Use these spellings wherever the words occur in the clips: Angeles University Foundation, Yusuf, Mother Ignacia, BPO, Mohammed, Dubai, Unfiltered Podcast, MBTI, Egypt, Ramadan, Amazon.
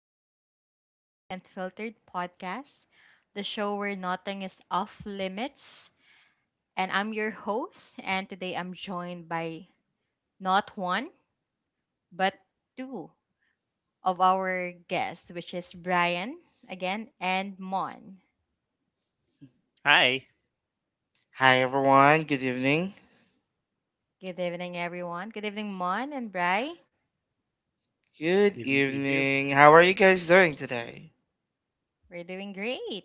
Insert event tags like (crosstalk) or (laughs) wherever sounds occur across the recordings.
Welcome again to the Unfiltered Podcast, the show where nothing is off limits. And I'm your host, and today I'm joined by not one, but two of our guests, which is Brian again and Mon. Hi, Hi everyone, good evening. Good evening, everyone. Good evening, Mon and Bri. good Good evening to you too. evening. How are you guys doing today? We're doing great.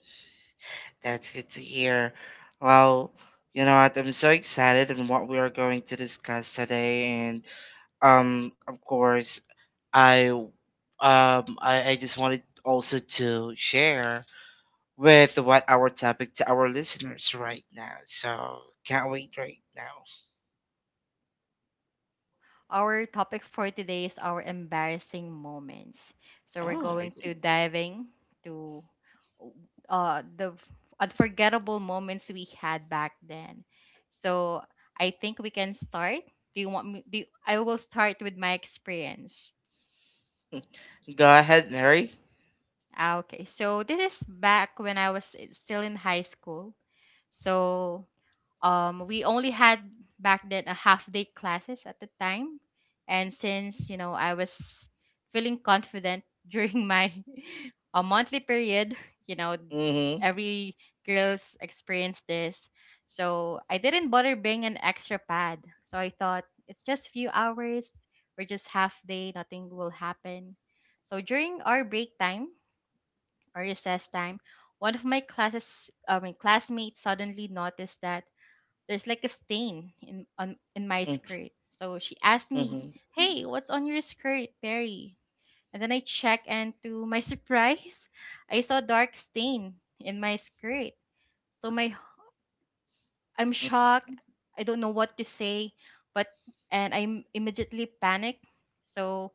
That's good to hear. Well, you know what? I'm so excited on what we are going to discuss today, and of course, I um, I just wanted also to share with what our topic to our listeners right now. So can't wait right now. Our topic for today is our embarrassing moments. So we're Oh, going Exciting. to diving to uh the f- unforgettable moments we had back then. So I think we can start. Do you want me do you, I will start with my experience. go ahead, Mary. Okay. So this is back when I was still in high school. So we only had back then a half day classes at the time and since you know I was feeling confident during my (laughs) a monthly period (laughs) you know Mm-hmm. every girls experience this, so I didn't bother bring an extra pad. So I thought it's just few hours, we're just half day, nothing will happen. So during our break time or recess time, one of my classes I mean classmates suddenly noticed that there's like a stain in my Mm-hmm. skirt. So she asked me, Mm-hmm. "Hey, what's on your skirt, Perry?" And then I check, and to my (laughs) surprise, I saw a dark stain in my skirt. So my I'm shocked. I don't know what to say, but and I immediately panicked. So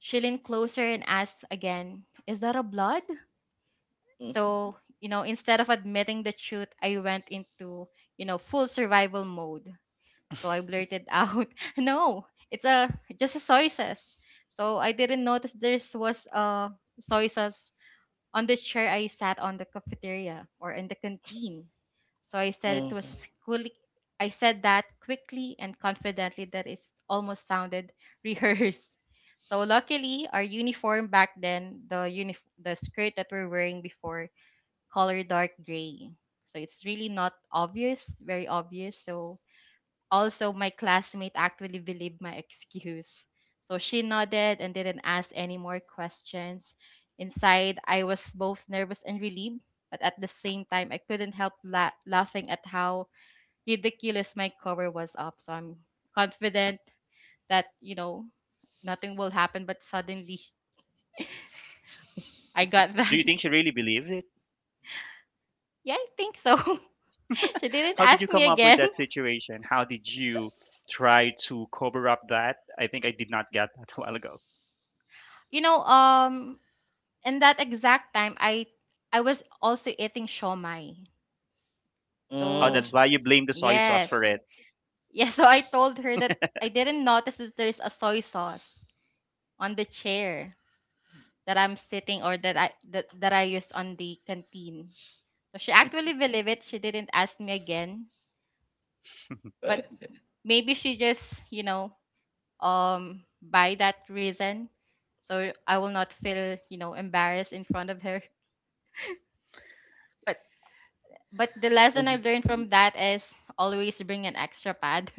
she leaned closer and asked again, "Is that a blood?" Mm-hmm. So instead of admitting the truth, I went into full survival mode. So I blurted out, (laughs) "No, it's a just a soy sauce." So I didn't notice there was a soy sauce on the chair I sat on the cafeteria or in the canteen. So I said it Mm-hmm. was quickly. I said that quickly and confidently that it almost sounded (laughs) rehearsed. So luckily, our uniform back then, the skirt that we're wearing before, color dark gray. So it's really not obvious, very obvious. So also, my classmate actually believed my excuse. So she nodded and didn't ask any more questions. Inside, I was both nervous and relieved, but at the same time, I couldn't help laughing at how ridiculous my cover was up. So I'm confident that, nothing will happen, but suddenly I got Do that. you (laughs) think she really believes it? Yeah, I think so. (laughs) She didn't How did ask you me come up with again. that (laughs) situation? How did you try to cover up that? I think I did not get that (laughs) a while ago. You know, um, in that exact time, I was also eating shawmai. Oh, So, that's Hum. why you blame the soy yeah, sauce yes, for it. exactly. (laughs) Yeah, so I told her that I didn't notice that there's a soy sauce on the chair that I'm sitting or that I used on the canteen. So she actually believed it. She didn't ask me again, (laughs) but maybe she just, by that reason. So I will not feel, embarrassed in front of her. But but the lesson I (laughs) learned from that is always bring an extra pad.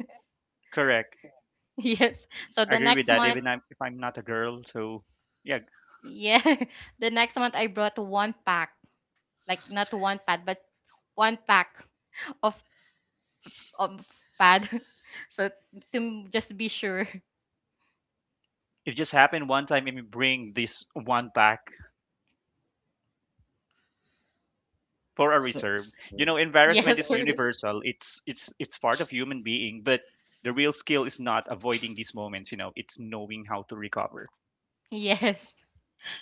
Correct. (laughs) Yes. So I the agree next with that. I Even if I'm not a girl, so yeah, Yeah. (laughs) The next month I brought one pack, like not one pad, but one pack of of pad. (laughs) So to just be sure. it just happened one time. Let me bring this one back, for a reserve. (laughs) You Word. Well, know, yes, embarrassment that is for us. (laughs) universal. It's part of human being, but the real skill is not avoiding these moments, it's knowing how to recover. Yes.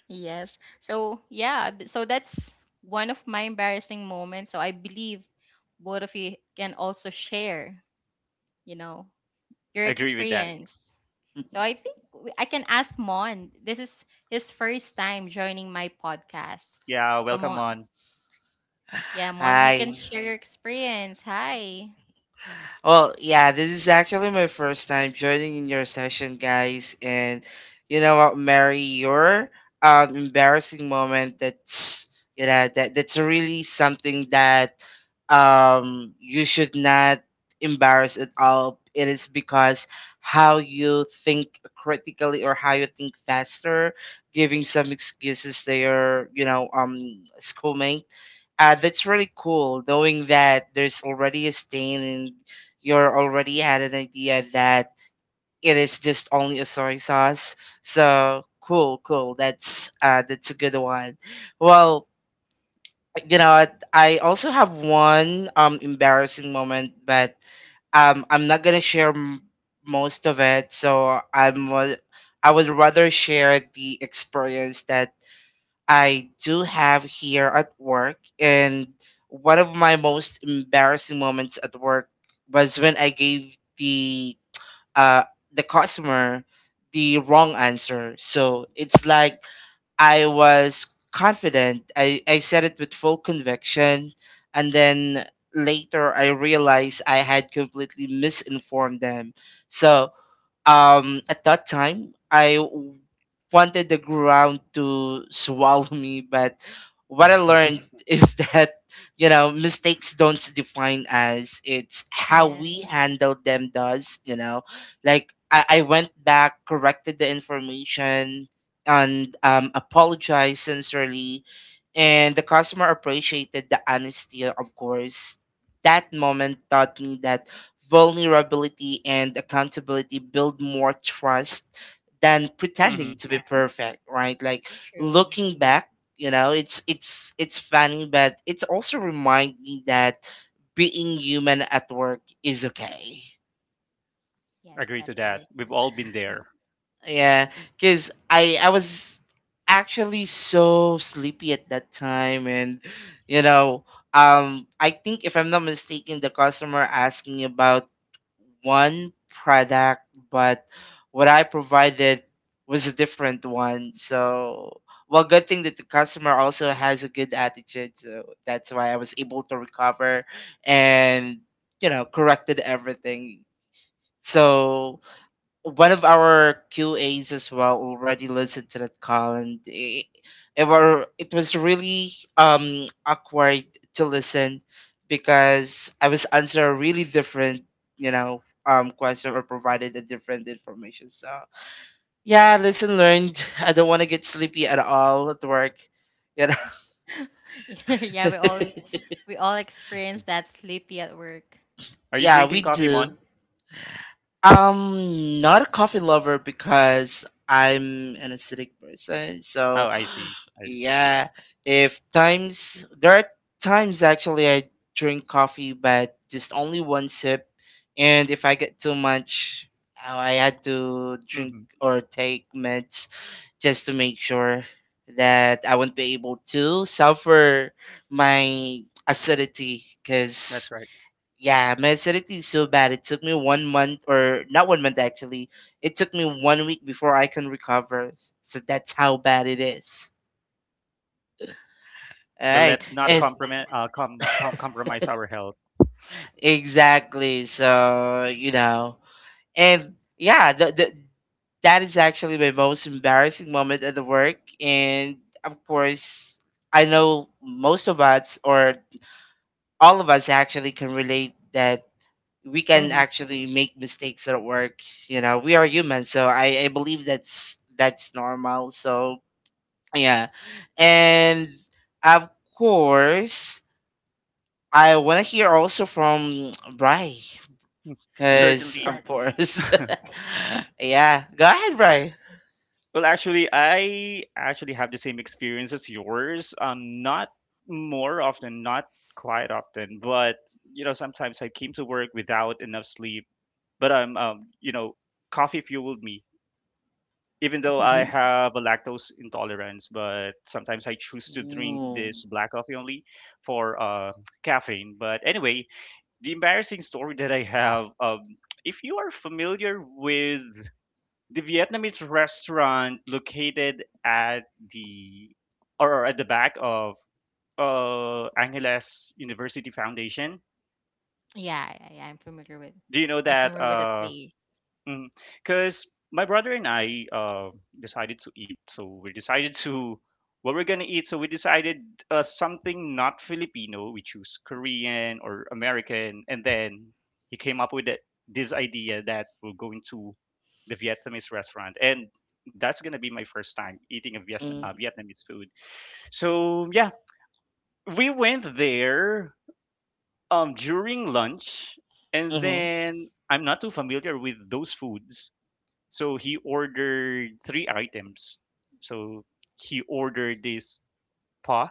Yes. So yeah, so that's one of my embarrassing moments. So I believe both of you can also share, you know, your Agree with that. experience. So I think I can ask Mon. This is his first time joining my podcast. Yeah, So welcome Mon, on. yeah, Mon, you Ai, can share your experience. Hi. well, yeah, this is actually my first time joining in your session, guys. And you know what, Mary, your embarrassing moment, that's really something that you should not embarrass at all. It is because how you think critically or how you think faster, giving some excuses to your, you know, schoolmate, that's really cool, knowing that there's already a stain in, you're already had an idea that it is just only a soy sauce. So cool, cool. That's a good one. Well, you know what, I also have one embarrassing moment, but I'm not gonna share most of it. So I would rather share the experience that I do have here at work, and one of my most embarrassing moments at work was when I gave the uh, the customer the wrong answer. So it's like I was confident. I said it with full conviction. And then later I realized I had completely misinformed them. So at that time wanted the ground to swallow me, but what I (laughs) learned (laughs) is that, you know, mistakes don't define us. It's how Yeah, we handle them does, you know, like I went back, corrected the information and apologized sincerely, and the customer appreciated the honesty. Of course, that moment taught me that vulnerability and accountability build more trust than pretending Hmm. to be perfect, right? Like true. looking back, you know, it's funny, but it's also remind me that being human at work is okay. Yes, Agree to that's that. really We've all correct. been there. Yeah, because I was actually so sleepy at that time, and, you know, I think if I'm not mistaken, the customer asked me about one product, but what I provided was a different one. So, well, good thing that the customer also has a good attitude, so that's why I was able to recover and, you know, corrected everything. So one of our QAs as well already listened to that call, and it was really awkward to listen, because I was answering a really different, you know, question, or provided a different information. So yeah, lesson learned. I don't want to get sleepy at all at work, you know. (laughs) Yeah, yeah, we all experience that sleepy at work. (laughs) Are you Yeah, we drinking coffee, do. Mon? Not a coffee lover because I'm an acidic person. Oh, So, I see. I see. yeah, if times there are times actually I drink coffee, but just only one sip, and if I get too much, oh, I had to drink Mm-hmm. or take meds just to make sure that I won't be able to suffer my acidity, That's because right. yeah, my acidity is so bad. It took me one month, or not one month actually. It took me one week before I can recover. So that's how bad it is. All But let's right, not and compromise (laughs) our health. exactly. So you know, and yeah, the that is actually my most embarrassing moment at the work. And of course, I know most of us, or all of us actually, can relate that we can Hmm. actually make mistakes at work. You know, we are human, so I believe that's normal. So yeah, and of course, I want to hear also from Bry, because Certainly. of course, (laughs) yeah. Go ahead, Bry. Well, actually, I actually have the same experience as yours. Not more often, not quite often, but sometimes I came to work without enough sleep. But coffee fueled me. Even though (laughs) I Yeah, Mhm. have a lactose intolerance, but sometimes I choose to drink Ooh. this black coffee only for caffeine. But anyway, the embarrassing story that I have, if you are familiar with the Vietnamese restaurant located the at the back of Angeles University Foundation, yeah, yeah, yeah, do you know I'm that? familiar with that place. Because my brother and I decided to eat, so we decided to what we're gonna eat. So we decided something not Filipino. We choose Korean or American, and then he came up with this idea that we're going to the Vietnamese restaurant, and that's gonna be my first time eating a Mhm. Vietnamese food. So yeah, we went there during lunch, and Mhm. then I'm not too familiar with those foods, so he ordered three items. So he ordered this pa.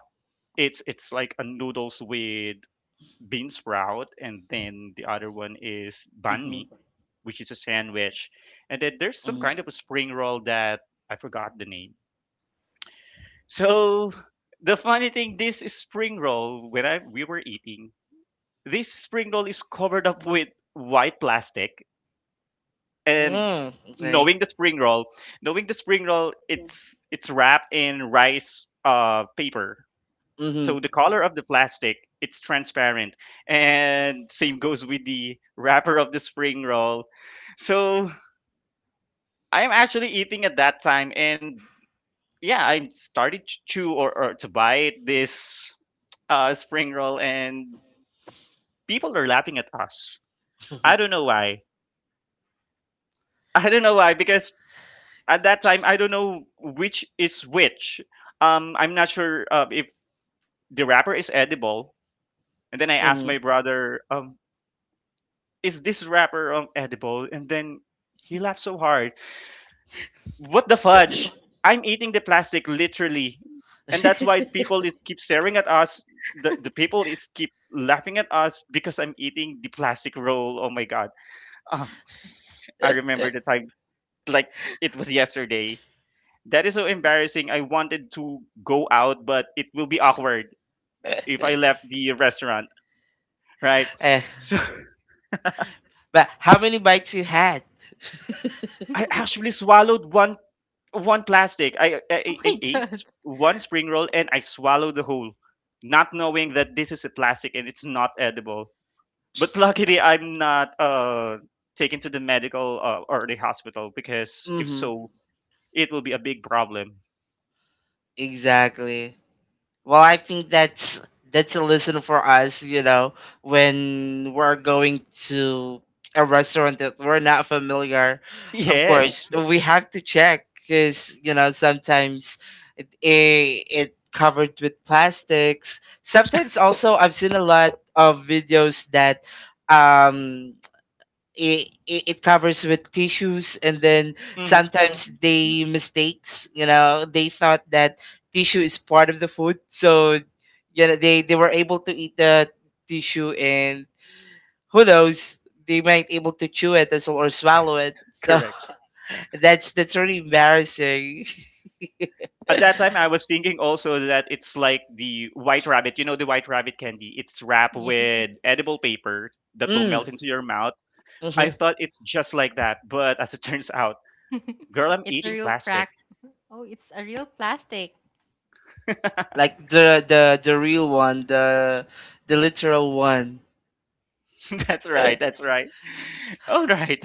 It's like a noodles with bean sprout, and then the other one is banh Mhm. mi, which is a sandwich, and then there's some Mhm. kind of a spring roll that I forgot the name. So the funny thing, this spring roll when I we were eating, this spring roll is covered up with white plastic. And Mm. Okay. knowing the spring roll, knowing the spring roll, it's wrapped in rice paper. Mhm. So the color of the plastic, it's transparent, and same goes with the wrapper of the spring roll. So I'm actually eating at that time, and yeah, I started to chew or to bite this spring roll, and people are laughing at us. I (laughs) don't know why. I don't know why, because at that time, I don't know which is which. I'm not sure if the wrapper is edible. And then I asked Mhm. my brother, is this wrapper edible? And then he laughed so hard. What the fudge! I'm eating the plastic, literally. And that's why people is keep staring at us. The people is keep laughing at us because I'm eating the plastic roll. Oh my god. um, I remember the time, like it was yesterday. That is so embarrassing. I wanted to go out, but it will be awkward if I left the restaurant, right? (laughs) Eh. (laughs) But how many bites you had? I (laughs) (laughs) actually swallowed one plastic. Oh my I ate god. one spring roll, and I swallowed the whole, not knowing that this is a plastic and it's not edible. But luckily, I'm not taken to the medical, or the hospital, because if Hmm. so, it will be a big problem. (laughs) Exactly. Well, I think that's a lesson for us, you know, when we're going to a restaurant that we're not familiar. Of course, Yes. we have to check, because you know sometimes it, it, it covered with plastics. Sometimes also I've seen a lot of videos that um it covers with tissues, and then Mm-hmm. sometimes they mistakes, you know, they thought that tissue is part of the food, so you know they were able to eat the tissue, and who knows, they might able to chew it as well, or swallow it. So Correct. (laughs) that's really embarrassing. At that time, I was thinking also that it's like the white rabbit. You know, the white rabbit candy. It's wrapped Yeah. with edible paper that will (laughs) melt Mm. into your mouth. I Hmm. thought it's just like that, but as it (laughs) turns out, (laughs) girl, I'm It's a eating real plastic. prac. Oh, it's a real plastic. Like the real one, the literal one. (laughs) (laughs) That's right. That's right. (laughs) All right.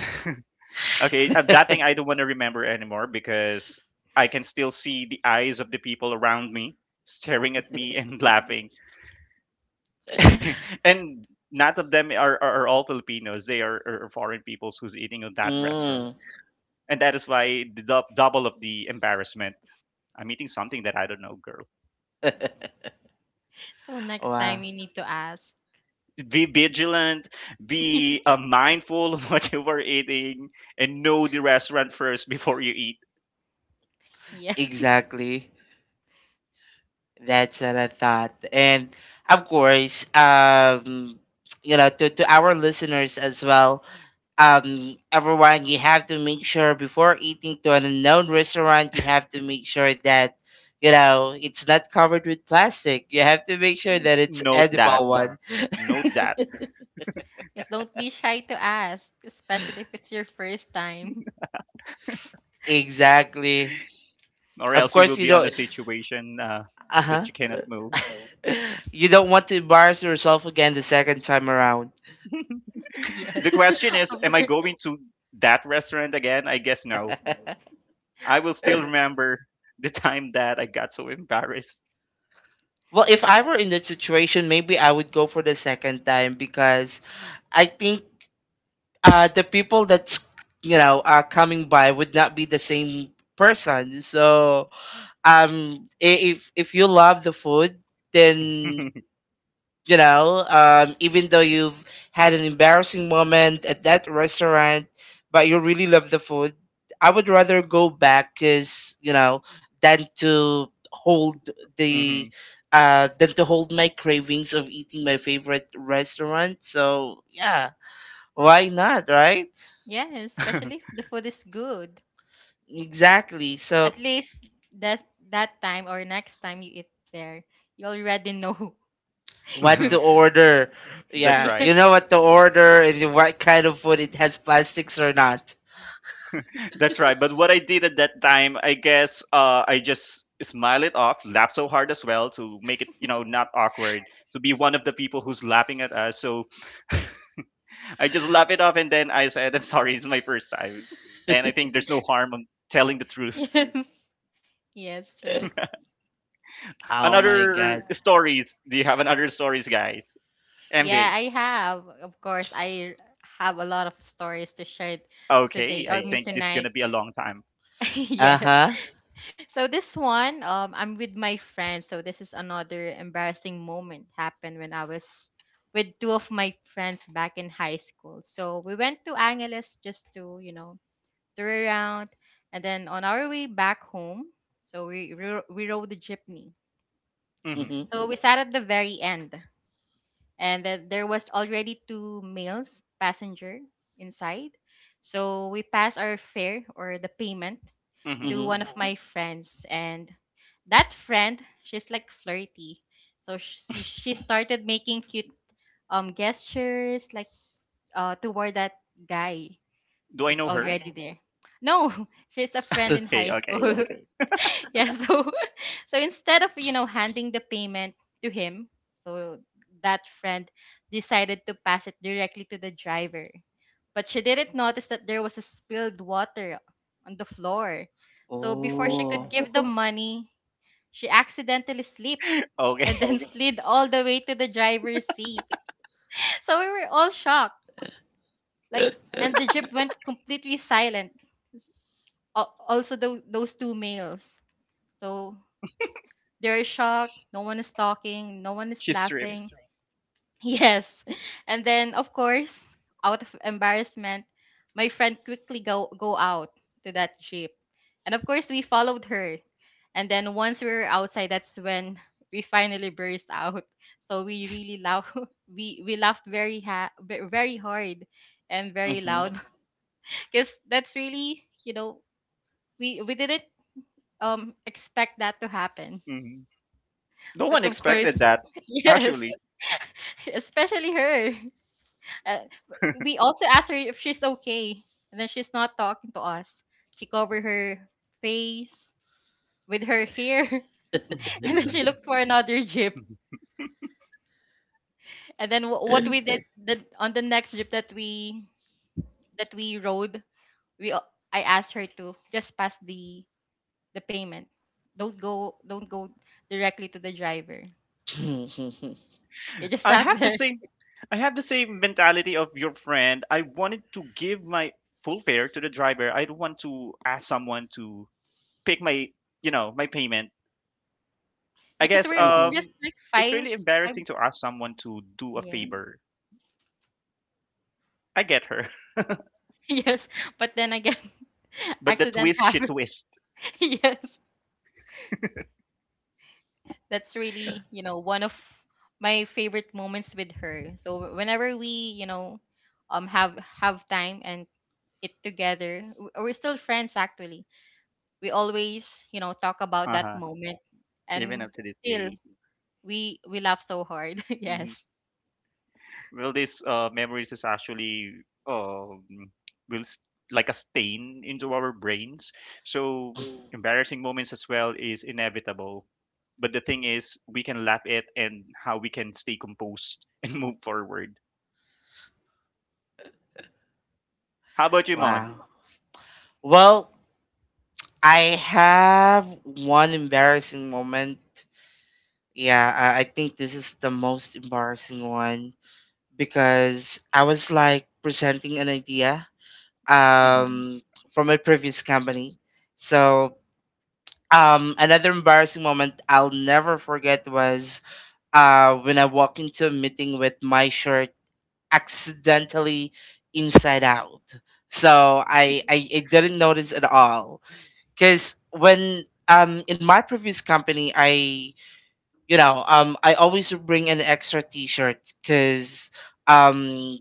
(laughs) Okay. That thing I don't want to remember anymore, because I can still see the eyes of the people around me staring at me and (laughs) laughing. (laughs) And none of them are all Filipinos. They are foreign peoples who's eating at that restaurant. Mm. And that is why the double of the embarrassment. I'm eating something that I don't know, girl. (laughs) So next Wow. time you need to ask. Be vigilant, be (laughs) mindful of (laughs) what you were eating, and know the restaurant first before you eat. Yeah. Exactly. That's what I thought. And of course, you know, to our listeners as well, everyone, you have to make sure before eating to an unknown restaurant. You have to make sure that, you know, it's not covered with plastic. You have to make sure that it's Note that. edible one. Note that. Yes, don't be shy to ask, especially if it's your first time. Exactly. Or Of else you will course, you be on a don't, situation, that uh-huh. you cannot move. (laughs) You don't want to embarrass yourself again the second time around. (laughs) (laughs) The Yes. question is, (laughs) Oh, am I going to that restaurant again? I guess no. I will still (laughs) remember the time that I got so embarrassed. Well, if I were in that situation, maybe I would go for the second time, because I think, the people that's, you know, are coming by would not be the same person. So if you love the food, then, (laughs) you know, even though you've had an embarrassing moment at that restaurant, but you really love the food, I would rather go back. Because, you know, than to hold Hmm. the, than to hold my cravings of eating my favorite restaurant. So yeah, why not, right? yes, especially if (laughs) the food is good. Exactly. So At least that that time or next time you eat there, you already know. (laughs) what to order, That's yeah, You right. you yes, know what to order, and what kind of food it has plastics or not. That's right. But what I did at that time, I guess, I just smile it off, laugh so hard as well to make it, not awkward, to be one of the people who's laughing at us. So (laughs) I just laugh it off, and then I said, I'm sorry, it's my first time. And I (laughs) think there's no harm in telling the (laughs) truth. yes, yes, true. Oh my Another god. stories. Do you have another stories, guys? Yeah, MJ. I have. Of course, I have a lot of stories to share Okay, today or I I mean think this is gonna tonight. be a long time. (laughs) Yes. Uh-huh. So this one, I'm with my friends. So this is another embarrassing moment happened when I was with two of my friends back in high school. So we went to Angeles just to, you know, turn around, and then on our way back home, so we rode the jeepney. Hmm. Mhm. So we sat at the very end, and then there was already two males passenger inside. So we passed our fare or the payment Hmm. to Mhm. one of Mm-hmm. my friends, and that friend, she's like flirty. So she started making cute gestures like toward that guy Do I that's know her? already there. No, (laughs) she's a friend in Okay, (laughs) high okay. school. (laughs) Yeah, so (laughs) so instead of you know handing the payment to him, so that friend decided to pass it directly to the driver, but she didn't notice that there was a spilled water on the floor. So before she could Oh. give the money, she accidentally slipped (laughs) Okay. and then (laughs) slid all the way to the driver's seat. So we were all shocked, like, and the jeep went completely silent. Also those two males so they're shocked. No one is talking. No one (laughs) is She's stripped. laughing. Just (laughs) yes. And then, of course, out of embarrassment, my friend quickly go out to that jeep. And of course, we followed her. And then once we were outside, that's when we finally burst out. So we really laugh. (laughs) We laughed very very hard and very Mhm. loud. (laughs) Because that's really you know we didn't expect that to happen. Hmm. No But one of Who would course, expected that, expect (laughs) that? Yes, actually. (laughs) especially her. Uh, we also asked her if she's okay, and then she's not talking to us. She covered her face with her hair, (laughs) and then (laughs) she looked for another jeep. And then what we (laughs) did the, on the next jeep that we rode, we a- I asked her to just pass the payment. Don't go directly to the driver. You just I sat (laughs) have the there same mentality of your friend. I wanted to give my full fare to the driver. I don't want to ask someone to pick my payment. I because guess we're all Mhm. just like it's five really five embarrassing to ask someone to do a yeah. favor. I get her. (laughs) (laughs) Yes, but then again, (laughs) But the accident twist she happen. twists. (laughs) Yes, that's really, you know, one of my favorite moments with her. So whenever we, you know, have time and it together, we're still friends actually. We always, you know, talk about that Uh-huh. moment Even and up to this day. still we laugh so hard. (laughs) Yes. Well, these memories is actually um will like a stain into our brains, so embarrassing moments as well is inevitable. But the thing is, we can laugh it and how we can stay composed (laughs) and move forward. How about Yes, you, it- Mon? Wow. Well, I have one embarrassing moment. Yeah, I think this is the most embarrassing one, because I was like presenting an idea Hmm. Mhm. um from my previous company. So another embarrassing moment I'll never forget was, when I walk into a meeting with my shirt accidentally inside out. So I didn't notice at all. Because when in my previous company, I, you know, I always bring an extra T-shirt, because um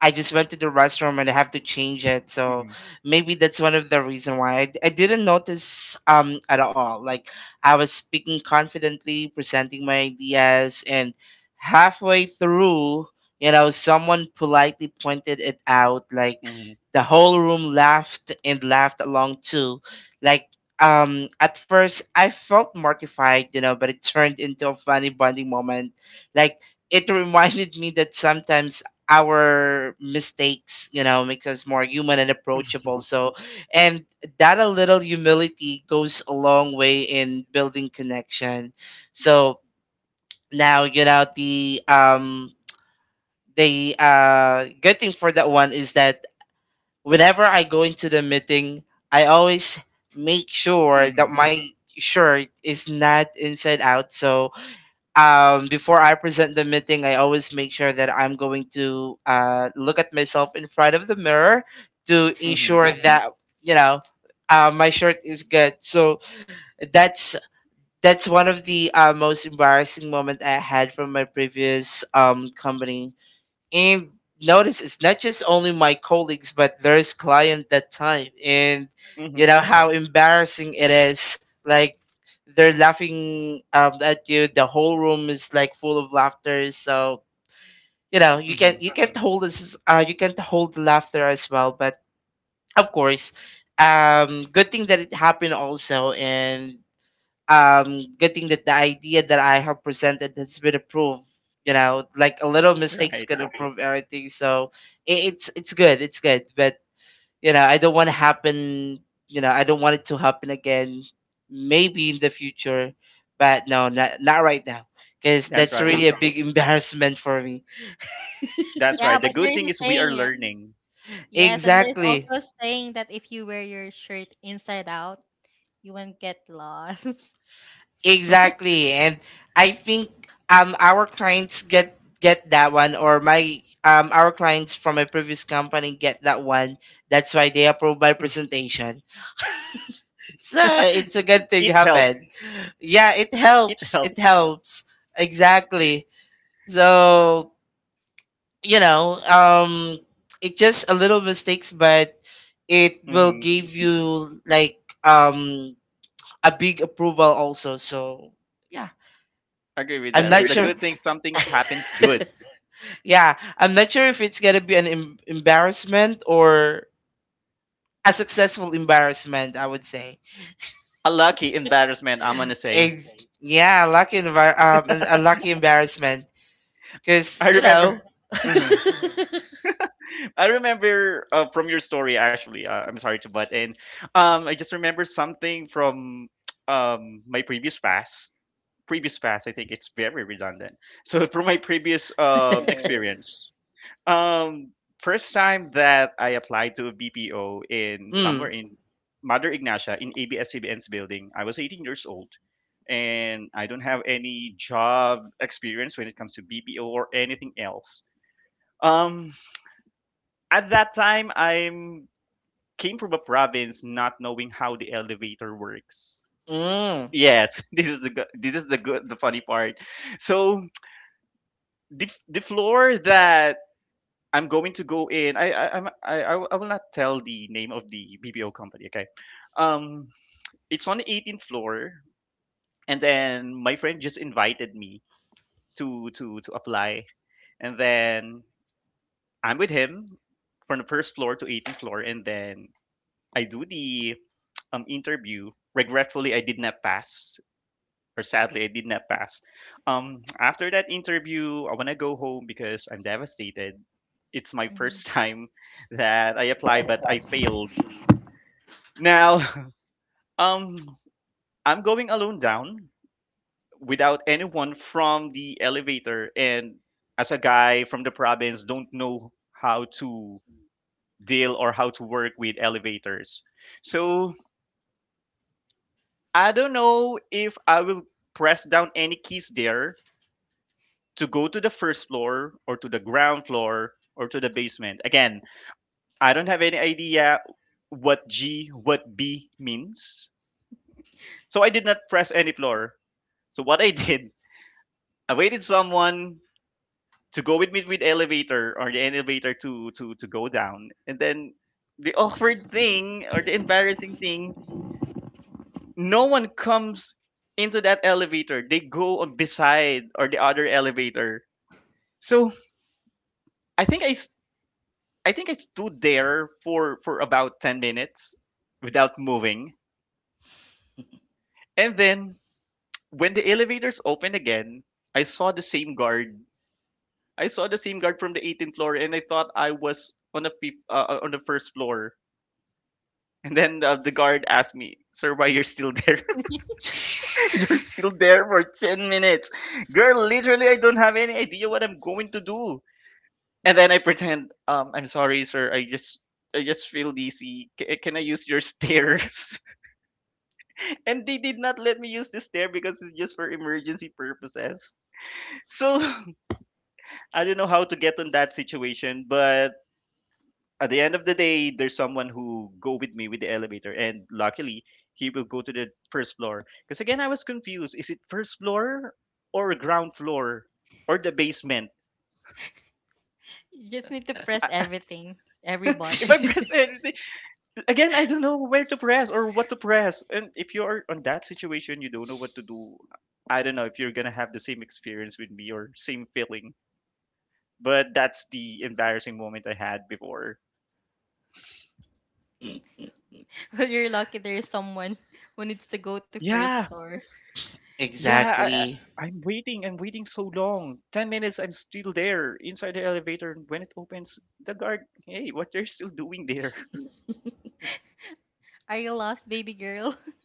I just went to the restroom and I have to change it. So Hmm. maybe that's one of the reason why I didn't notice at all. Like I was speaking confidently, presenting my ideas, and halfway through, you know, someone politely pointed it out. Like Hmm. the whole room laughed, and laughed along too. Like at first I felt mortified, you know, but it turned into a funny bonding moment. Like it (laughs) reminded me that sometimes our mistakes, you know, makes us more human and approachable. So, and that a little humility goes a long way in building connection. So now, you know, the good thing for that one is that whenever I go into the meeting, I always make sure that Hmm. my shirt is not inside out. So before I present the meeting, I always make sure that I'm going to, look at myself in front of the mirror to Hmm. ensure that, you know, my shirt is good. So that's that's one of the, most embarrassing moment I had from my previous, company. And notice it's not just only my colleagues, but there's client that time, and you Hmm. know how embarrassing it is. Like they're laughing, at you, the whole room is like full of laughter. So you know Hmm. You can't hold this, you can't hold the laughter as well. But of course, good thing that it happened also. And good thing that the idea that I have presented has been approved. You know, like a little (laughs) mistakes Right. can improve everything. So it's good, it's good. But you know, I don't want to happen. You know, I don't want it to happen again. Maybe in the future, but no, not right now, because That's that's right, really a big embarrassment for me. that's Yeah, right. The but there good is thing a is we are saying, right? learning. Yes, and there's also Exactly. a saying that if you wear your shirt inside out, you won't get lost. (laughs) Exactly. And I think our clients get that one, or my our clients from my previous company get that one. That's why they approve my presentation. So it's a good (laughs) thing It helped. happened. Yeah, it It helps. helped. It helps. Exactly. So, you know, it just a little mistakes, but it will Hmm. give you like a big approval also. So, yeah. Agree with I'm that, but not the sure. good thing, some things happens good. (laughs) Yeah, I'm not sure if it's gonna be an embarrassment or a successful embarrassment, I would say. A lucky embarrassment, I'm gonna say. Ex- yeah, lucky a lucky embarrassment, I because you know, remember. Mhm. I remember, from your story, actually. I'm sorry to butt in. I just remember something from (tsk) my previous past. Previous past, I think it's very redundant. So from my previous experience. Um, first time that I applied to a BPO in somewhere (laughs) mm, in Mother Ignacia, in ABS-CBN's building. I was 18 years old, and I don't have any job experience when it comes to BPO or anything else. Um, at that time, I'm came from a province, not knowing how the elevator works. mm, Yes, (laughs) this is the good, the funny part. So the the floor that I'm going to go in. I I'm- I will not tell the name of the BPO company. Okay, um, it's on the 18th floor, and then my friend just invited me to apply, and then I'm with him from the first floor to 18th floor, and then I do the interview. Regretfully, I did not pass, or sadly, I did not pass. After that interview, I want to go home because I'm devastated. It's my Mhm. first (laughs) time that I apply, but I failed. Now, (laughs) um, I'm going alone down without anyone from the elevator, and as a guy from the province, don't know how to deal or how to work with elevators. So I don't know if I will press down any keys there to go to the first floor, or to the ground floor, or to the basement. Again, I don't have any idea what G, what B means. So I did not press any floor. So what I (laughs) did, I waited someone to go with me with elevator, or the elevator to go down. And then the awkward thing, or the embarrassing thing, no one comes into that elevator. They go on beside, or the other elevator. So I think I stood there for about 10 minutes without moving. And then when the elevators opened again, I saw the same guard. I saw the same guard from the 18th floor, and I thought I was on the first floor. And then the guard asked me, "Sir, why you're still there? (laughs) (laughs) You're still there for 10 minutes. Girl, literally I don't have any idea what I'm going to do." And then I pretend, "I'm sorry, sir. I just feel dizzy. Can I use your (laughs) stairs?" And they did not let me use this there because it's just for emergency purposes. So (laughs) I don't know how to get on that situation, but at the end of the day, there's someone who go with me with the elevator, and luckily he will go to the first floor. Because again, I was confused: is it first floor or ground floor or the basement? You just need to press I- everything, every (laughs) If button. I (laughs) press anything again, I don't know where to press or what to press. And if you are on that situation, you don't know what to do. I don't know if you're gonna have the same experience with me or same feeling, but that's the embarrassing moment I had before. Well, you're lucky there is someone who needs to go to first Yeah, floor. yeah, exactly, I'm waiting. I'm waiting so long. 10 minutes. I'm still there inside the elevator, and when it opens, the guard. Hey, what they're still doing there? Are you lost, baby girl? (laughs)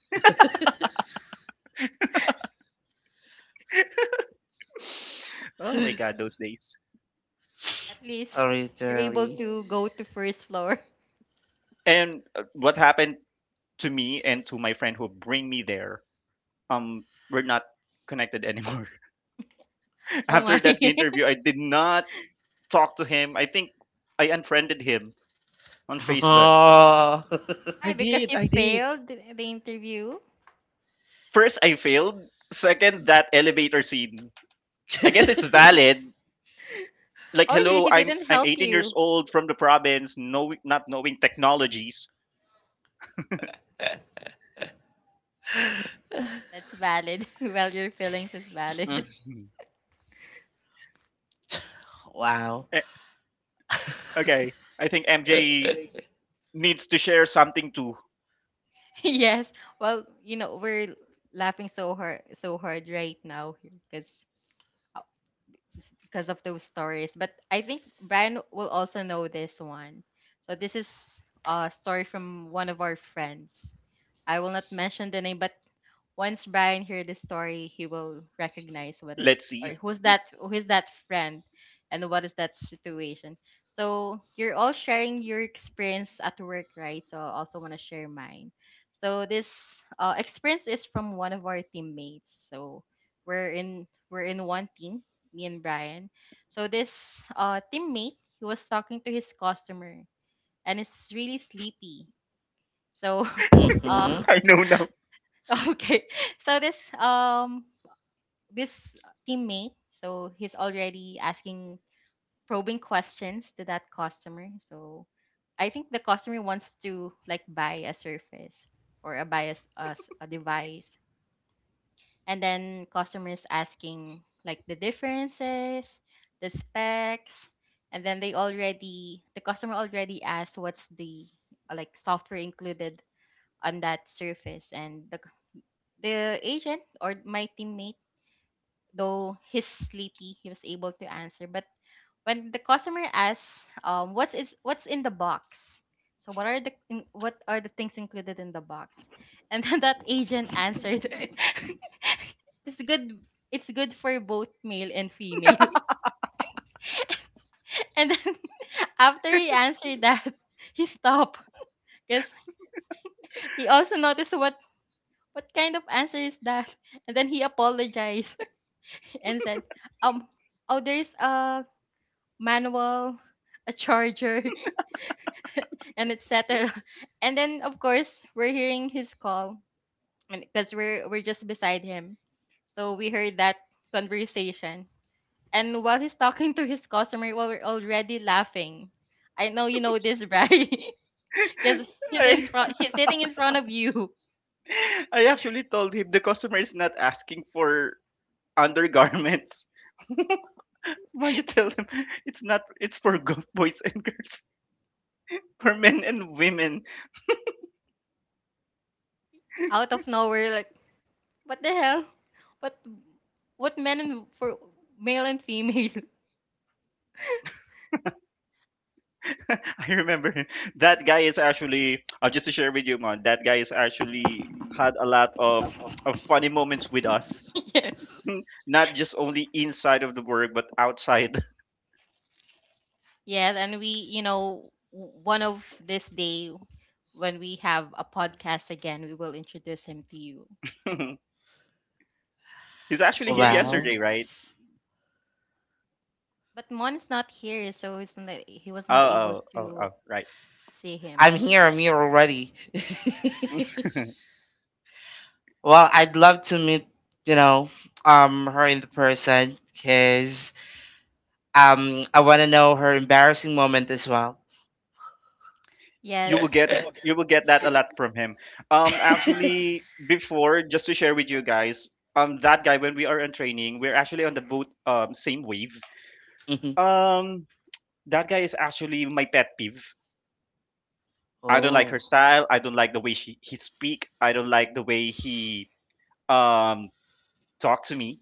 (laughs) Oh my god, (laughs) those days. At least you're able literally. to go to first floor. (laughs) And what happened to me and to my friend who bring me there? Um, we're not connected anymore. (laughs) Oh After my. that (laughs) interview, I did not talk to him. I think I unfriended him on Facebook. Oh. I Why? Because did. you I did. failed the interview? First, I failed. Second, that elevator scene. I guess it's valid. Like, Oh, so hello, he I'm didn't I'm help 18 years you. old from the province, no, not knowing technologies. (laughs) That's valid. (laughs) Well, your feelings is valid. (laughs) Mhm. Wow. Eh, Okay, I think MJ (laughs) needs to share something too. Yes. Well, you know, we're laughing so hard right now because of those stories. But I think Brian will also know this one. So this is a story from one of our friends. I will not mention the name, but once Brian hears the story, he will recognize what is Let's or see. Who is that friend and what is that situation. So you're all sharing your experience at work, right? So I also want to share mine. So this experience is from one of our teammates. So we're in one team, me and Brian. So this teammate, he was talking to his customer and is really sleepy. So (laughs) uh Mm-hmm. (laughs) I know now. (laughs) okay. So this this teammate, so he's already asking probing questions to that customer. So I think the customer wants to like buy a surface or a buy as a, s- a device, and then customers asking like the differences, the specs, and then the customer already asked what's the like software included on that surface, and the agent or my teammate though he's sleepy, he was able to answer. But when the customer asks, what's in the box? So what are the things included in the box? (laughs) And then that agent answered, (laughs) it's good it's good for both male and female. (laughs) And then (laughs) after he answered that, (laughs) he stopped because he also noticed what kind of answer is that, and then he apologized (laughs) and said, um, oh, there's a manual, a charger, (laughs) and etc. And then of course we're hearing his call, and because we're just beside him, so we heard that conversation. And while he's talking to his customer, well, we're already laughing. I know you know this, right? (laughs) Because (laughs) he's in I, front, he's sitting in front of you, I actually told him the customer is not asking for undergarments. (laughs) Why you tell them it's not it's for boys and girls, for men and women. out of nowhere, like what the hell? What what men and for male and female? (laughs) I remember him. That guy is actually just to share with you, man. That guy is actually had a lot of funny moments with (laughs) us, Yes. (laughs) not just only inside of the work but outside. Yes, and we one of this day when we have a podcast again, we will introduce him to you. (laughs) He's actually here Wow. yesterday, right? But Mon is not here, so he's not, he was Oh, not able oh, oh, oh, to right. see I'm him. here. I'm here already. (laughs) (laughs) Well, I'd love to meet, you know, her in the person, because I want to know her embarrassing moment as well. you will Yes, get you will get that a lot from him. (laughs) Actually, before just to share with you guys, that guy when we are in training, we're actually on the boat, same wave. Hmm. Um, that guy is actually my pet peeve. I don't like Oh. her style. I don't like the way she he speak. I don't like the way he um talk to me.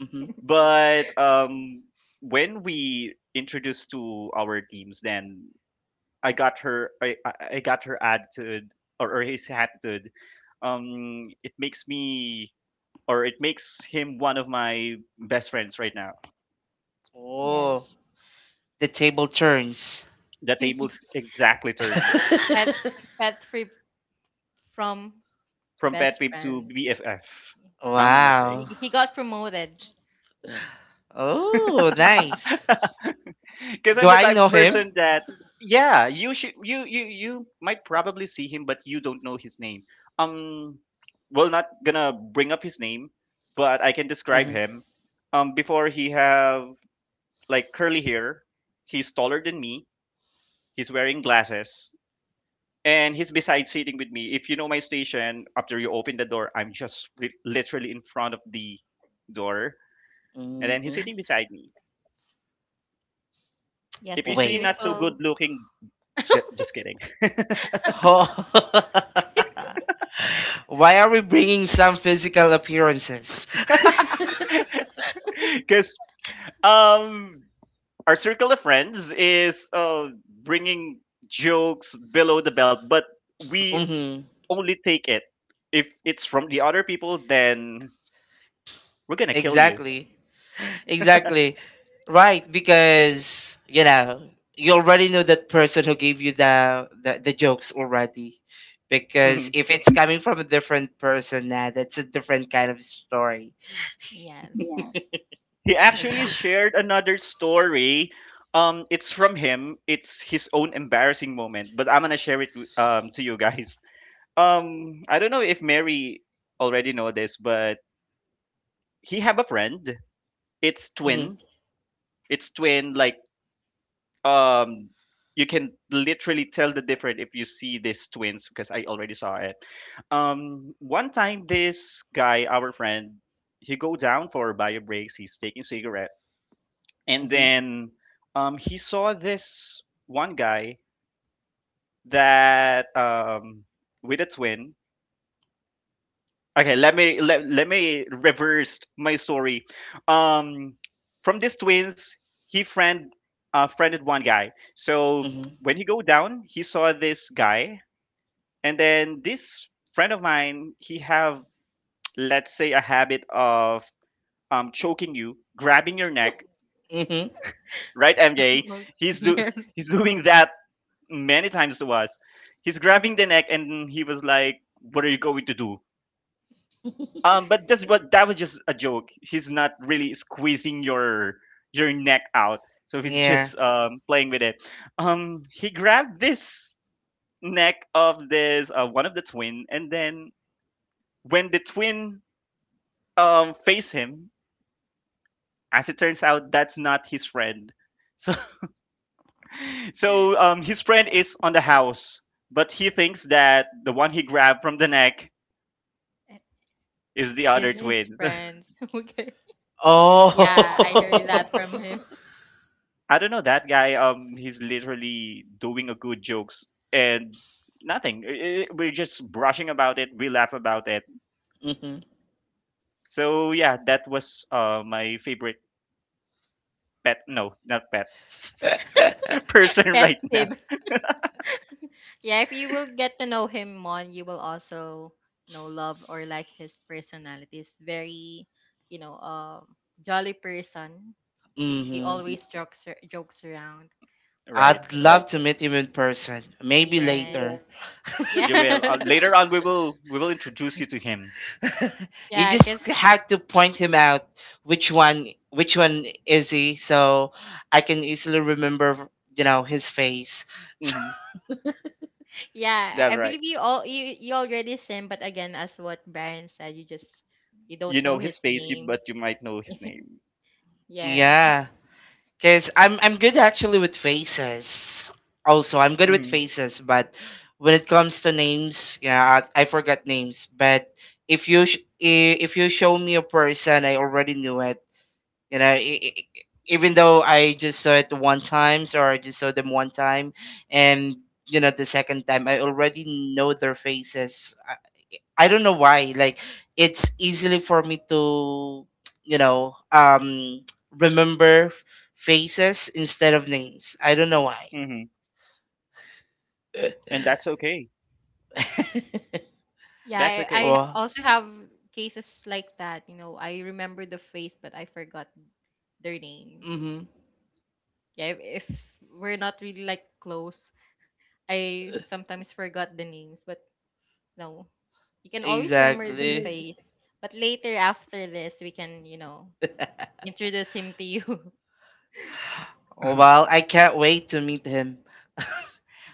Hmm. But when we introduced to our teams, then I got her. I got her attitude or his attitude. It makes me or it makes him one of my best friends right now. Oh. yes. The table turns. The table (laughs) exactly turns pet (laughs) pet free from from pet best peeve to friend. BFF, I'm gonna say. He, Wow. he got promoted. Oh, nice. Because Do I'm the I type know of him? person that yeah, you should you might probably see him, but you don't know his name. Um, well, not gonna bring up his name, but I can describe Mm-hmm. him. Before he have like curly hair, he's taller than me. He's wearing glasses, and he's beside sitting with me. If you know my station, after you open the door, I'm just literally in front of the door, and then he's Hmm. sitting beside me. Yes, If you the see Wait. not so good beautiful. looking, (laughs) just kidding. Ho- (laughs) Why are we bringing some physical appearances? (laughs) Cause. Um, our circle of friends is bringing jokes below the belt, but (laughs) we hmm only take it if it's from the other people. Then we're gonna kill you. Exactly. Exactly. Right, because you already know that person who gave you the jokes already. Because Mhm. if it's coming from a different person, nah, that's a different kind of story. Yes. Yeah. He Yes, but actually shared another story. It's from him. It's his own embarrassing moment, but I'm gonna share it to you guys. I don't know if Mary already know this, but he have a friend. It's (laughs) hmm twin. It's twin like um you can literally tell the difference if you see these twins because I already saw it. One time this guy, our friend, he go down for bio breaks. He's taking cigarette, and hmm then he saw this one guy that with a twin. Okay, let me reverse my story. Um, from these twins, he friended one guy. So hmm when he go down, he saw this guy, and then this friend of mine, he have let's say a habit of choking you, grabbing your neck, hmm right? MJ, it- (laughs) he's do yes. he's (laughs) doing that many times to us. He's grabbing the neck, and he was like, "What are you going to do? But that was just a joke. He's not really squeezing your neck out. So he's Yeah. just playing with it. He grabbed this neck of this one of the twin, and then when the twin face him, as it turns out, that's not his friend. So (laughs) so his friend is on the house, but he thinks that the one he grabbed from the neck is the Is other his twin. (laughs) friends. (laughs) Okay. Oh. Yeah, I heard that from him. (laughs) I don't know that guy. He's literally doing a good jokes and nothing. We're just brushing about it. We laugh about it. hmm So yeah, that was my favorite pet. No, not pet. (laughs) (laughs) Person Pet right now. him. (laughs) Yeah, if you will get to know him more, you will also know love or like his personality. He's very, you know, um, jolly person. He hmm always jokes around. But Right. I'd love to meet him in person. Maybe yeah, yeah, later. (laughs) You will yeah, later (laughs) on. We will introduce you to him. Yeah. You yeah. just Cause had to point him out, which one, which one is he, so I can easily remember his face. (laughs) Hmm. yeah, That's I right. believe you all you already seen. But again, as what Brian said, you You don't know know his his face, name. but you might know his name. (laughs) Yeah. Yeah, because I'm good actually with faces. Also, I'm good with Hmm. faces, but when it comes to names, yeah, I forgot names. But if you show me a person, I already knew it. You know, I Even though I just saw it one times or I just saw them one time, and you know the second time I already know their faces. I don't know why. Like it's easily for me to you know um remember faces instead of names. I don't know why. Hmm. And that's okay. (laughs) Yeah, That's I, okay. I well, also have cases like that. You know, I remember the face, but I forgot their names. mm-hmm. Yeah, if we're not really like close, I sometimes forgot the names, but no, you can always remember the Exactly. face. But later after this, we can, you know, introduce him to you. (laughs) Oh, (laughs) well, I can't wait to meet him. (laughs)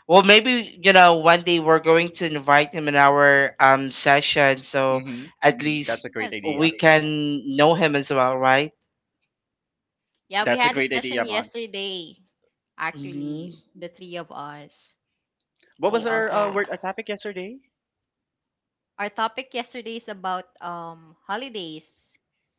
Well, maybe one day we're going to invite him in our session, so Hmm. at That's a least great Yes. idea. we can know him as well, right? Yeah, we That's a had a great session idea, man. yesterday. Actually, Mm-hmm. the three of us. What We was Oh, our wow! also word our topic yesterday? our topic yesterday is about holidays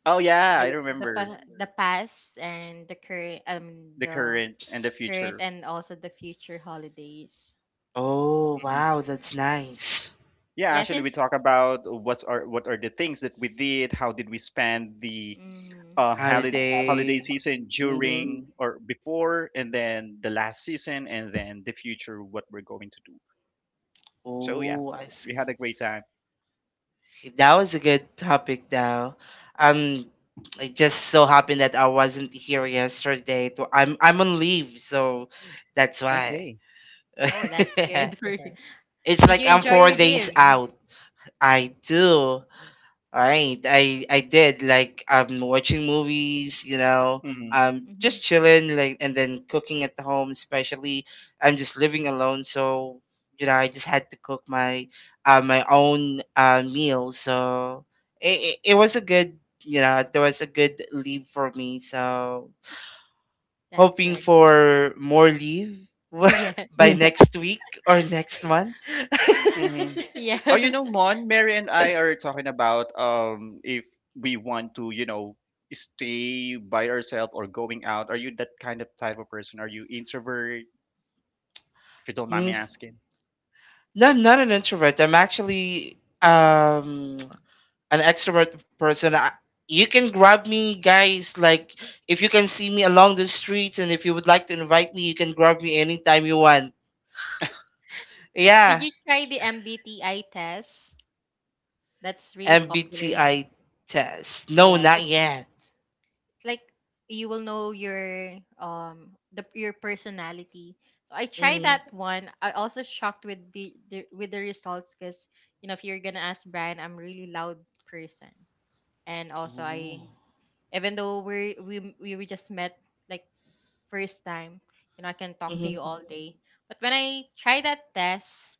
Oh yeah, I like remember the past and the the current and the current future. and also the future holidays. Oh Mhm. wow, that's nice. Yeah, Yeah, actually, we since talk about what are the things that we did, how did we spend the mm, um, holiday holiday Holiday. season Mm-hmm. during or before, and then the last season, and then the future, what we're going to do. So yeah, Oh, I we see. had a great time. That was a good topic, though. Um, I just so happened that I wasn't here yesterday. So I'm on leave, so that's why. Okay. (laughs) oh that's good for you. (laughs) It's Did you like I'm enjoy four your leave? days out. I do. All right, I did like watching movies, you know, Mm-hmm. Hmm. just chilling like and then cooking at the home, especially I'm just living alone, so you know I just had to cook my my own meal, so it was a good, you know, there was a good leave for me, so That's hoping very nice. (laughs) for more leave (laughs) by (laughs) Yes. (laughs) next week or next month. Mm-hmm. Oh, you know, Yes. Mon, Mary and I are talking about if we want to, you know, stay by ourselves or going out. Are you that kind of type of person? Are you introvert? If you don't mind me (laughs) asking. No, I'm not an introvert. I'm actually an extrovert person. You can grab me, guys. Like if you can see me along the streets, and if you would like to invite me, you can grab me anytime you want. Did Yeah, you try the MBTI test? That's really popular in MBTI test. No, yes, not that's yet. it's like you will know your the your personality. So I tried that Mhm. one. I also shocked with the with the results because you know if you're gonna ask Brian, I'm a really loud person, and also I Oh. even though we just met like first time, you know I can talk to Mhm. you all day. But when I try that test,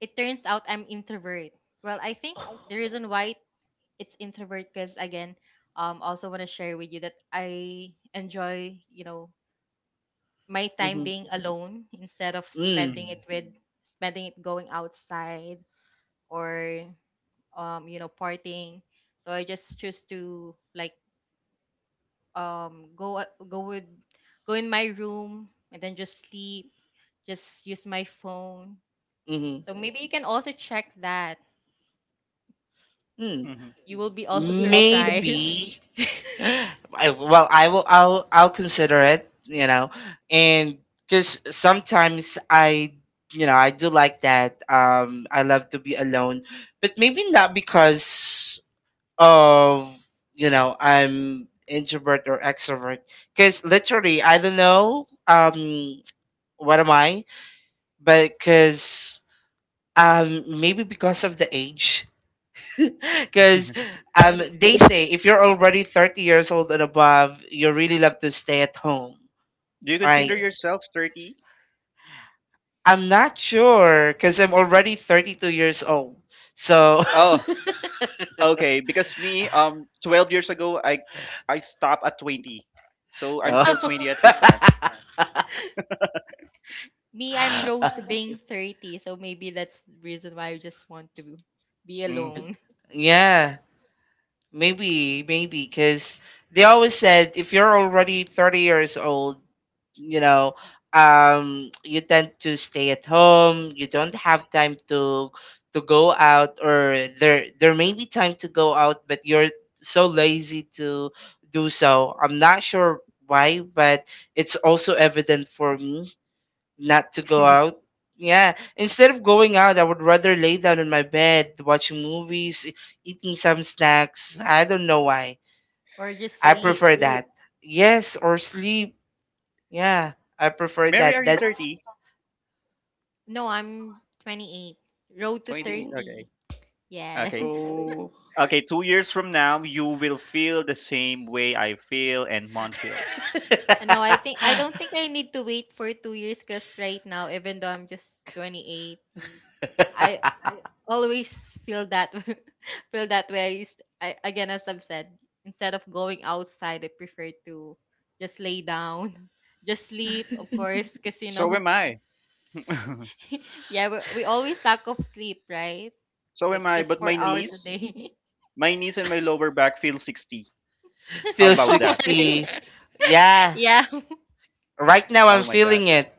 it turns out I'm introvert. Well, I think the reason why it's introvert because again also want to share with you that I enjoy my time Mhm. being alone instead of Mm. Hmm. Spending it going outside or you know partying, so I just choose to like um go go with go in my room and then just sleep, just use my phone, Mhm. so maybe you can also check that. Mm. Hmm. You will be (laughs) also surprised. Maybe, maybe. Well, I will. I'll. I'll consider it. You know, and because sometimes you know, I do like that. I love to be alone, but maybe not because of, you know, I'm introvert or extrovert. Because literally, I don't know. What am I? But because maybe because of the age. (laughs) Because (laughs) (laughs) Yes. they say if you're already 30 years old and above, you really love to stay at home, Do you right? consider yourself 30? I'm not sure because I'm already 32 years old. So, Oh, okay. Because me, 12 years ago, I stopped at 20. So I'm (laughs) still (laughs) 20 at this oh. time. Me, I'm road to (laughs) being 30, so maybe that's the reason why I just want to be Mm. alone. Yeah, maybe, maybe because they always said if you're already 30 years old, you know you tend to stay at home, you don't have time to go out, or there may be time to go out but you're so lazy to do. So I'm not sure why, but it's also evident for me not to go (laughs) out. Yeah, instead of going out I would rather lay down in my bed watching movies, eating some snacks. I don't know why. (laughs) Or just I Or sleep. prefer sleep. That Yes, or sleep. Yeah, I prefer Mary, that. are you 30? No, I'm 28. Road to 28. Okay. 30. Okay. Yes. (laughs) Oh, Okay, 2 years from now, you will feel the same way I feel and Mon feel. And no, I think (laughs) I don't think I need to wait for 2 years cuz right now even though I'm just 28, I always feel that (laughs) feel that way. I again as I've said, instead of going outside, I prefer to just lay down, (laughs) just sleep, of course, cuz you So know. am I. (laughs) (laughs) Yeah, we always lack of sleep, right? So Like am I. just But four hours a day. my knees and my lower back feel 60. How feel (laughs) Oh about that? my. 60. Yeah, Yeah. (laughs) right now I'm Oh my God. feeling it.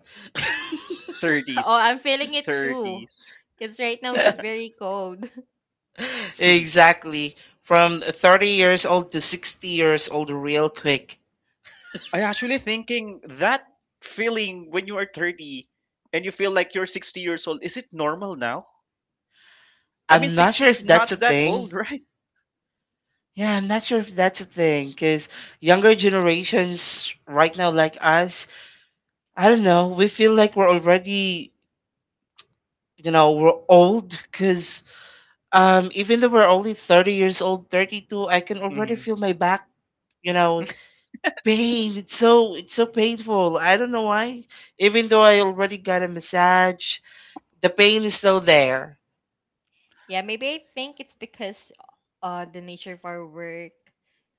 30s, Oh, I'm feeling it too. 30s. Because right now it's very cold. (laughs) (laughs) Exactly. From 30 years old to 60 years old, real quick. I actually thinking that feeling when you are 30 and you feel like you're 60 years old, is it normal now? I mean, I'm not 60 sure is if that's a not that thing. old, (laughs) right? Yeah, I'm not sure if that's a thing, cause younger generations right now, like us, I don't know. We feel like we're already, you know, we're old, cause um, even though we're only 30 years old, 32, I can already Mm-hmm. feel my back, you know, pain. It's so painful. I don't know why. Even though I already got a massage, the pain is still there. (laughs) Yeah, maybe I think it's because the nature of our work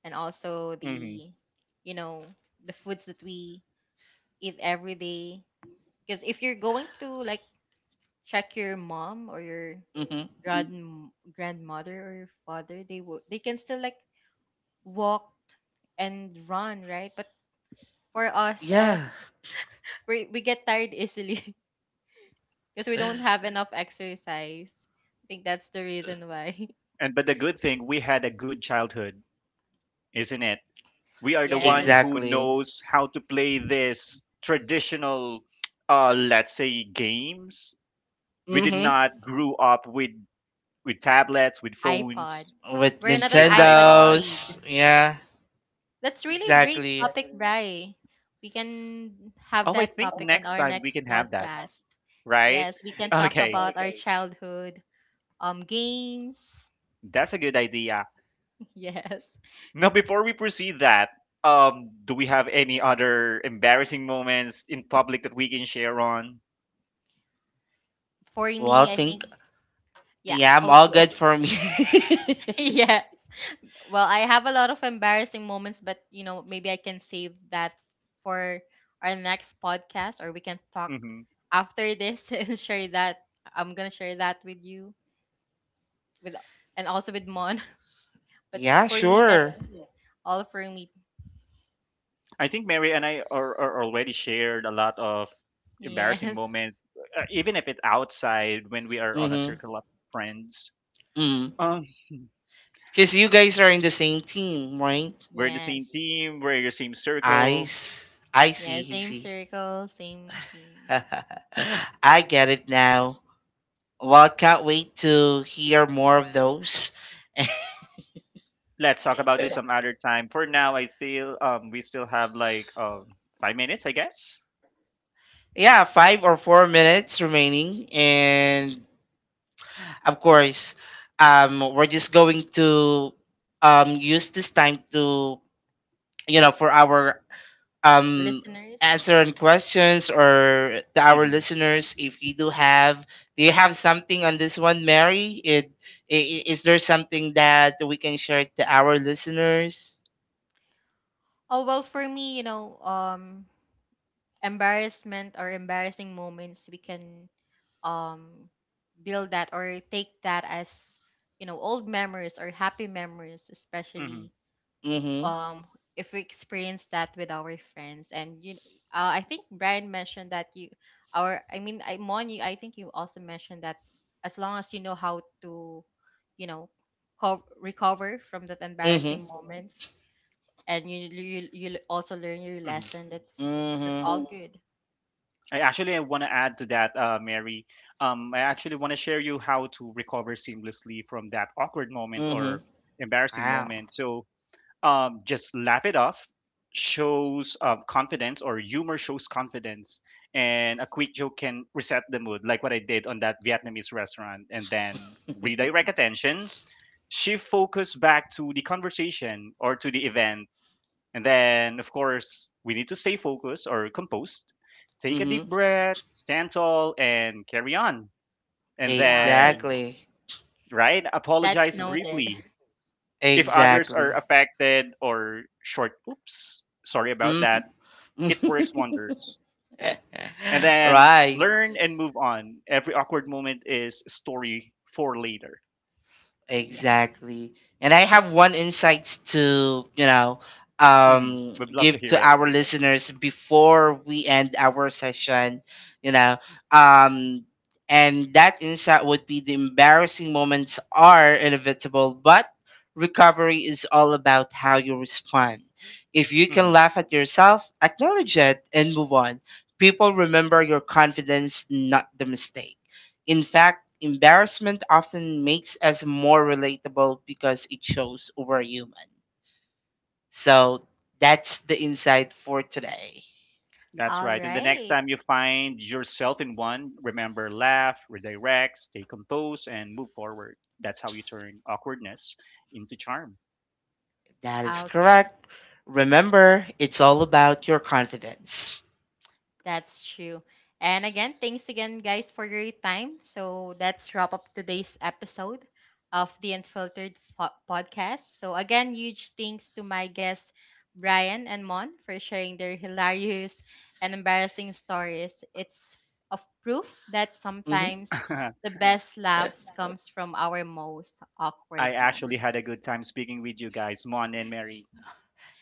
and also Mm-hmm. the you know the foods that we eat every day. Because if you're going to like check your mom or your Hmm. Mm. Grandmother or your father, they will they can still like walked and run, right? But for us, Yeah, we get tired easily (laughs) because we don't have enough exercise. I think that's the reason why. (laughs) And but the good thing, we had a good childhood, isn't it? We are the one Yes, who exactly. knows how to play this traditional let's say games. We did Hmm. not grew up with tablets, with phones, iPod. With We're not an with iPod ipod. Nintendos, kid. yeah, That's really a great exactly. topic, Bri. We can have Oh, I that think topic on next our time we next can have that, podcast. right? Yes, we can talk Okay, about our childhood games. that's a good idea. (laughs) Yes. Now before we proceed that, do we have any other embarrassing moments in public that we can share on. For Well, me, I think, think yeah, yeah, I'm I'll all good go. for me. (laughs) Yes. Well, I have a lot of embarrassing moments, but you know, maybe I can save that for our next podcast or we can talk Mm-hmm. after this (laughs) and share that. I'm gonna share that with you with and also with Mon. (laughs) (laughs) But Yeah, for me sure. that's all for me. I think Mary and I are already shared a lot of embarrassing Yes. moments, even if it's outside when we are on a Mm-hmm. circle of friends. Mm. Um, Cause you guys are in the same team, right? we're in the same Yes. team, we're in the same circle. I Yeah, see, he same see. circle, same theme. (laughs) I get it now. Well, can't wait to hear more of those. (laughs) Let's talk about this some other time. For now, I still we still have like 5 minutes, I guess. Yeah, 5 or 4 minutes remaining, and of course, we're just going to use this time to for our um Listeners. answering questions or to our Mm-hmm. listeners if you do have, do you have something on this one, Mary? Is there something that we can share to our listeners? Oh well for me, you know, embarrassment or embarrassing moments we can um build that or take that as you know old memories or happy memories Mm-hmm. especially Mm-hmm. um if we experience that with our friends and you I think Brian mentioned that you our I mean I Mon you I think you also mentioned that as long as you know how to you know recover from that Mm-hmm. embarrassing moments and you you also learn your Mm-hmm. lesson, that's Mm-hmm. all good. I want to add to that, Mary. I actually want to share you how to recover seamlessly from that awkward moment Mm-hmm. or embarrassing Wow. moment. So just laugh it off shows confidence or humor shows confidence, and a quick joke can reset the mood like what I did on that Vietnamese restaurant. And then redirect (laughs) attention, shift focus back to the conversation or to the event. And then of course we need to stay focused or composed, take a deep Mm-hmm. breath, stand tall and carry on. And Yeah, I'll then take that. Exactly. right, That's okay, apologize noted. (laughs) briefly if others are Exactly. affected or short, oops, sorry about Mm-hmm. that, it works (laughs) wonders. And then Right. learn and move on. Every awkward moment is a story for later. Yeah. Exactly. And I have one insight to, you know, Hmm. We'd love to give hear to it. our listeners before we end our session, you know. Um, and that insight would be the embarrassing moments are inevitable, but recovery is all about how you respond. If you can Hmm. laugh at yourself, acknowledge it, and move on. People remember your confidence, not the mistake. In fact, embarrassment often makes us more relatable because it shows we're human. So that's the insight for today. That's All right. And the next right. time you find yourself in one, remember laugh, redirect, stay composed, and move forward. That's how you turn awkwardness into charm. (laughs) That is Okay. correct. Remember, it's all about your confidence. That's true. And again, thanks again, guys, for your time. So that's wrap up today's episode of the Podcast. So again, huge thanks to my guests, Brian and Mon, for sharing their hilarious and embarrassing stories. It's of proof that Hmm. sometimes I the best laughs comes from our most awkward actually had a moments. good time speaking with you guys, Mon and Mary.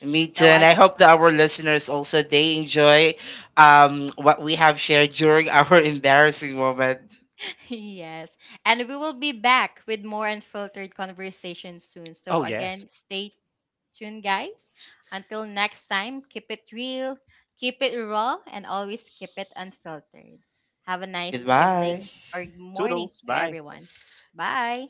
Me too, So and I I hope that our listeners also they enjoy what we have shared during our (laughs) embarrassing moment. (laughs) Yes. And we will be back with more unfiltered conversations soon. Oh, So, yes. again, stay tuned, guys. Until next time, keep it real, keep it raw, and always keep it unfiltered. Have a nice Goodbye. evening or morning Toodles. to Bye. everyone. Bye.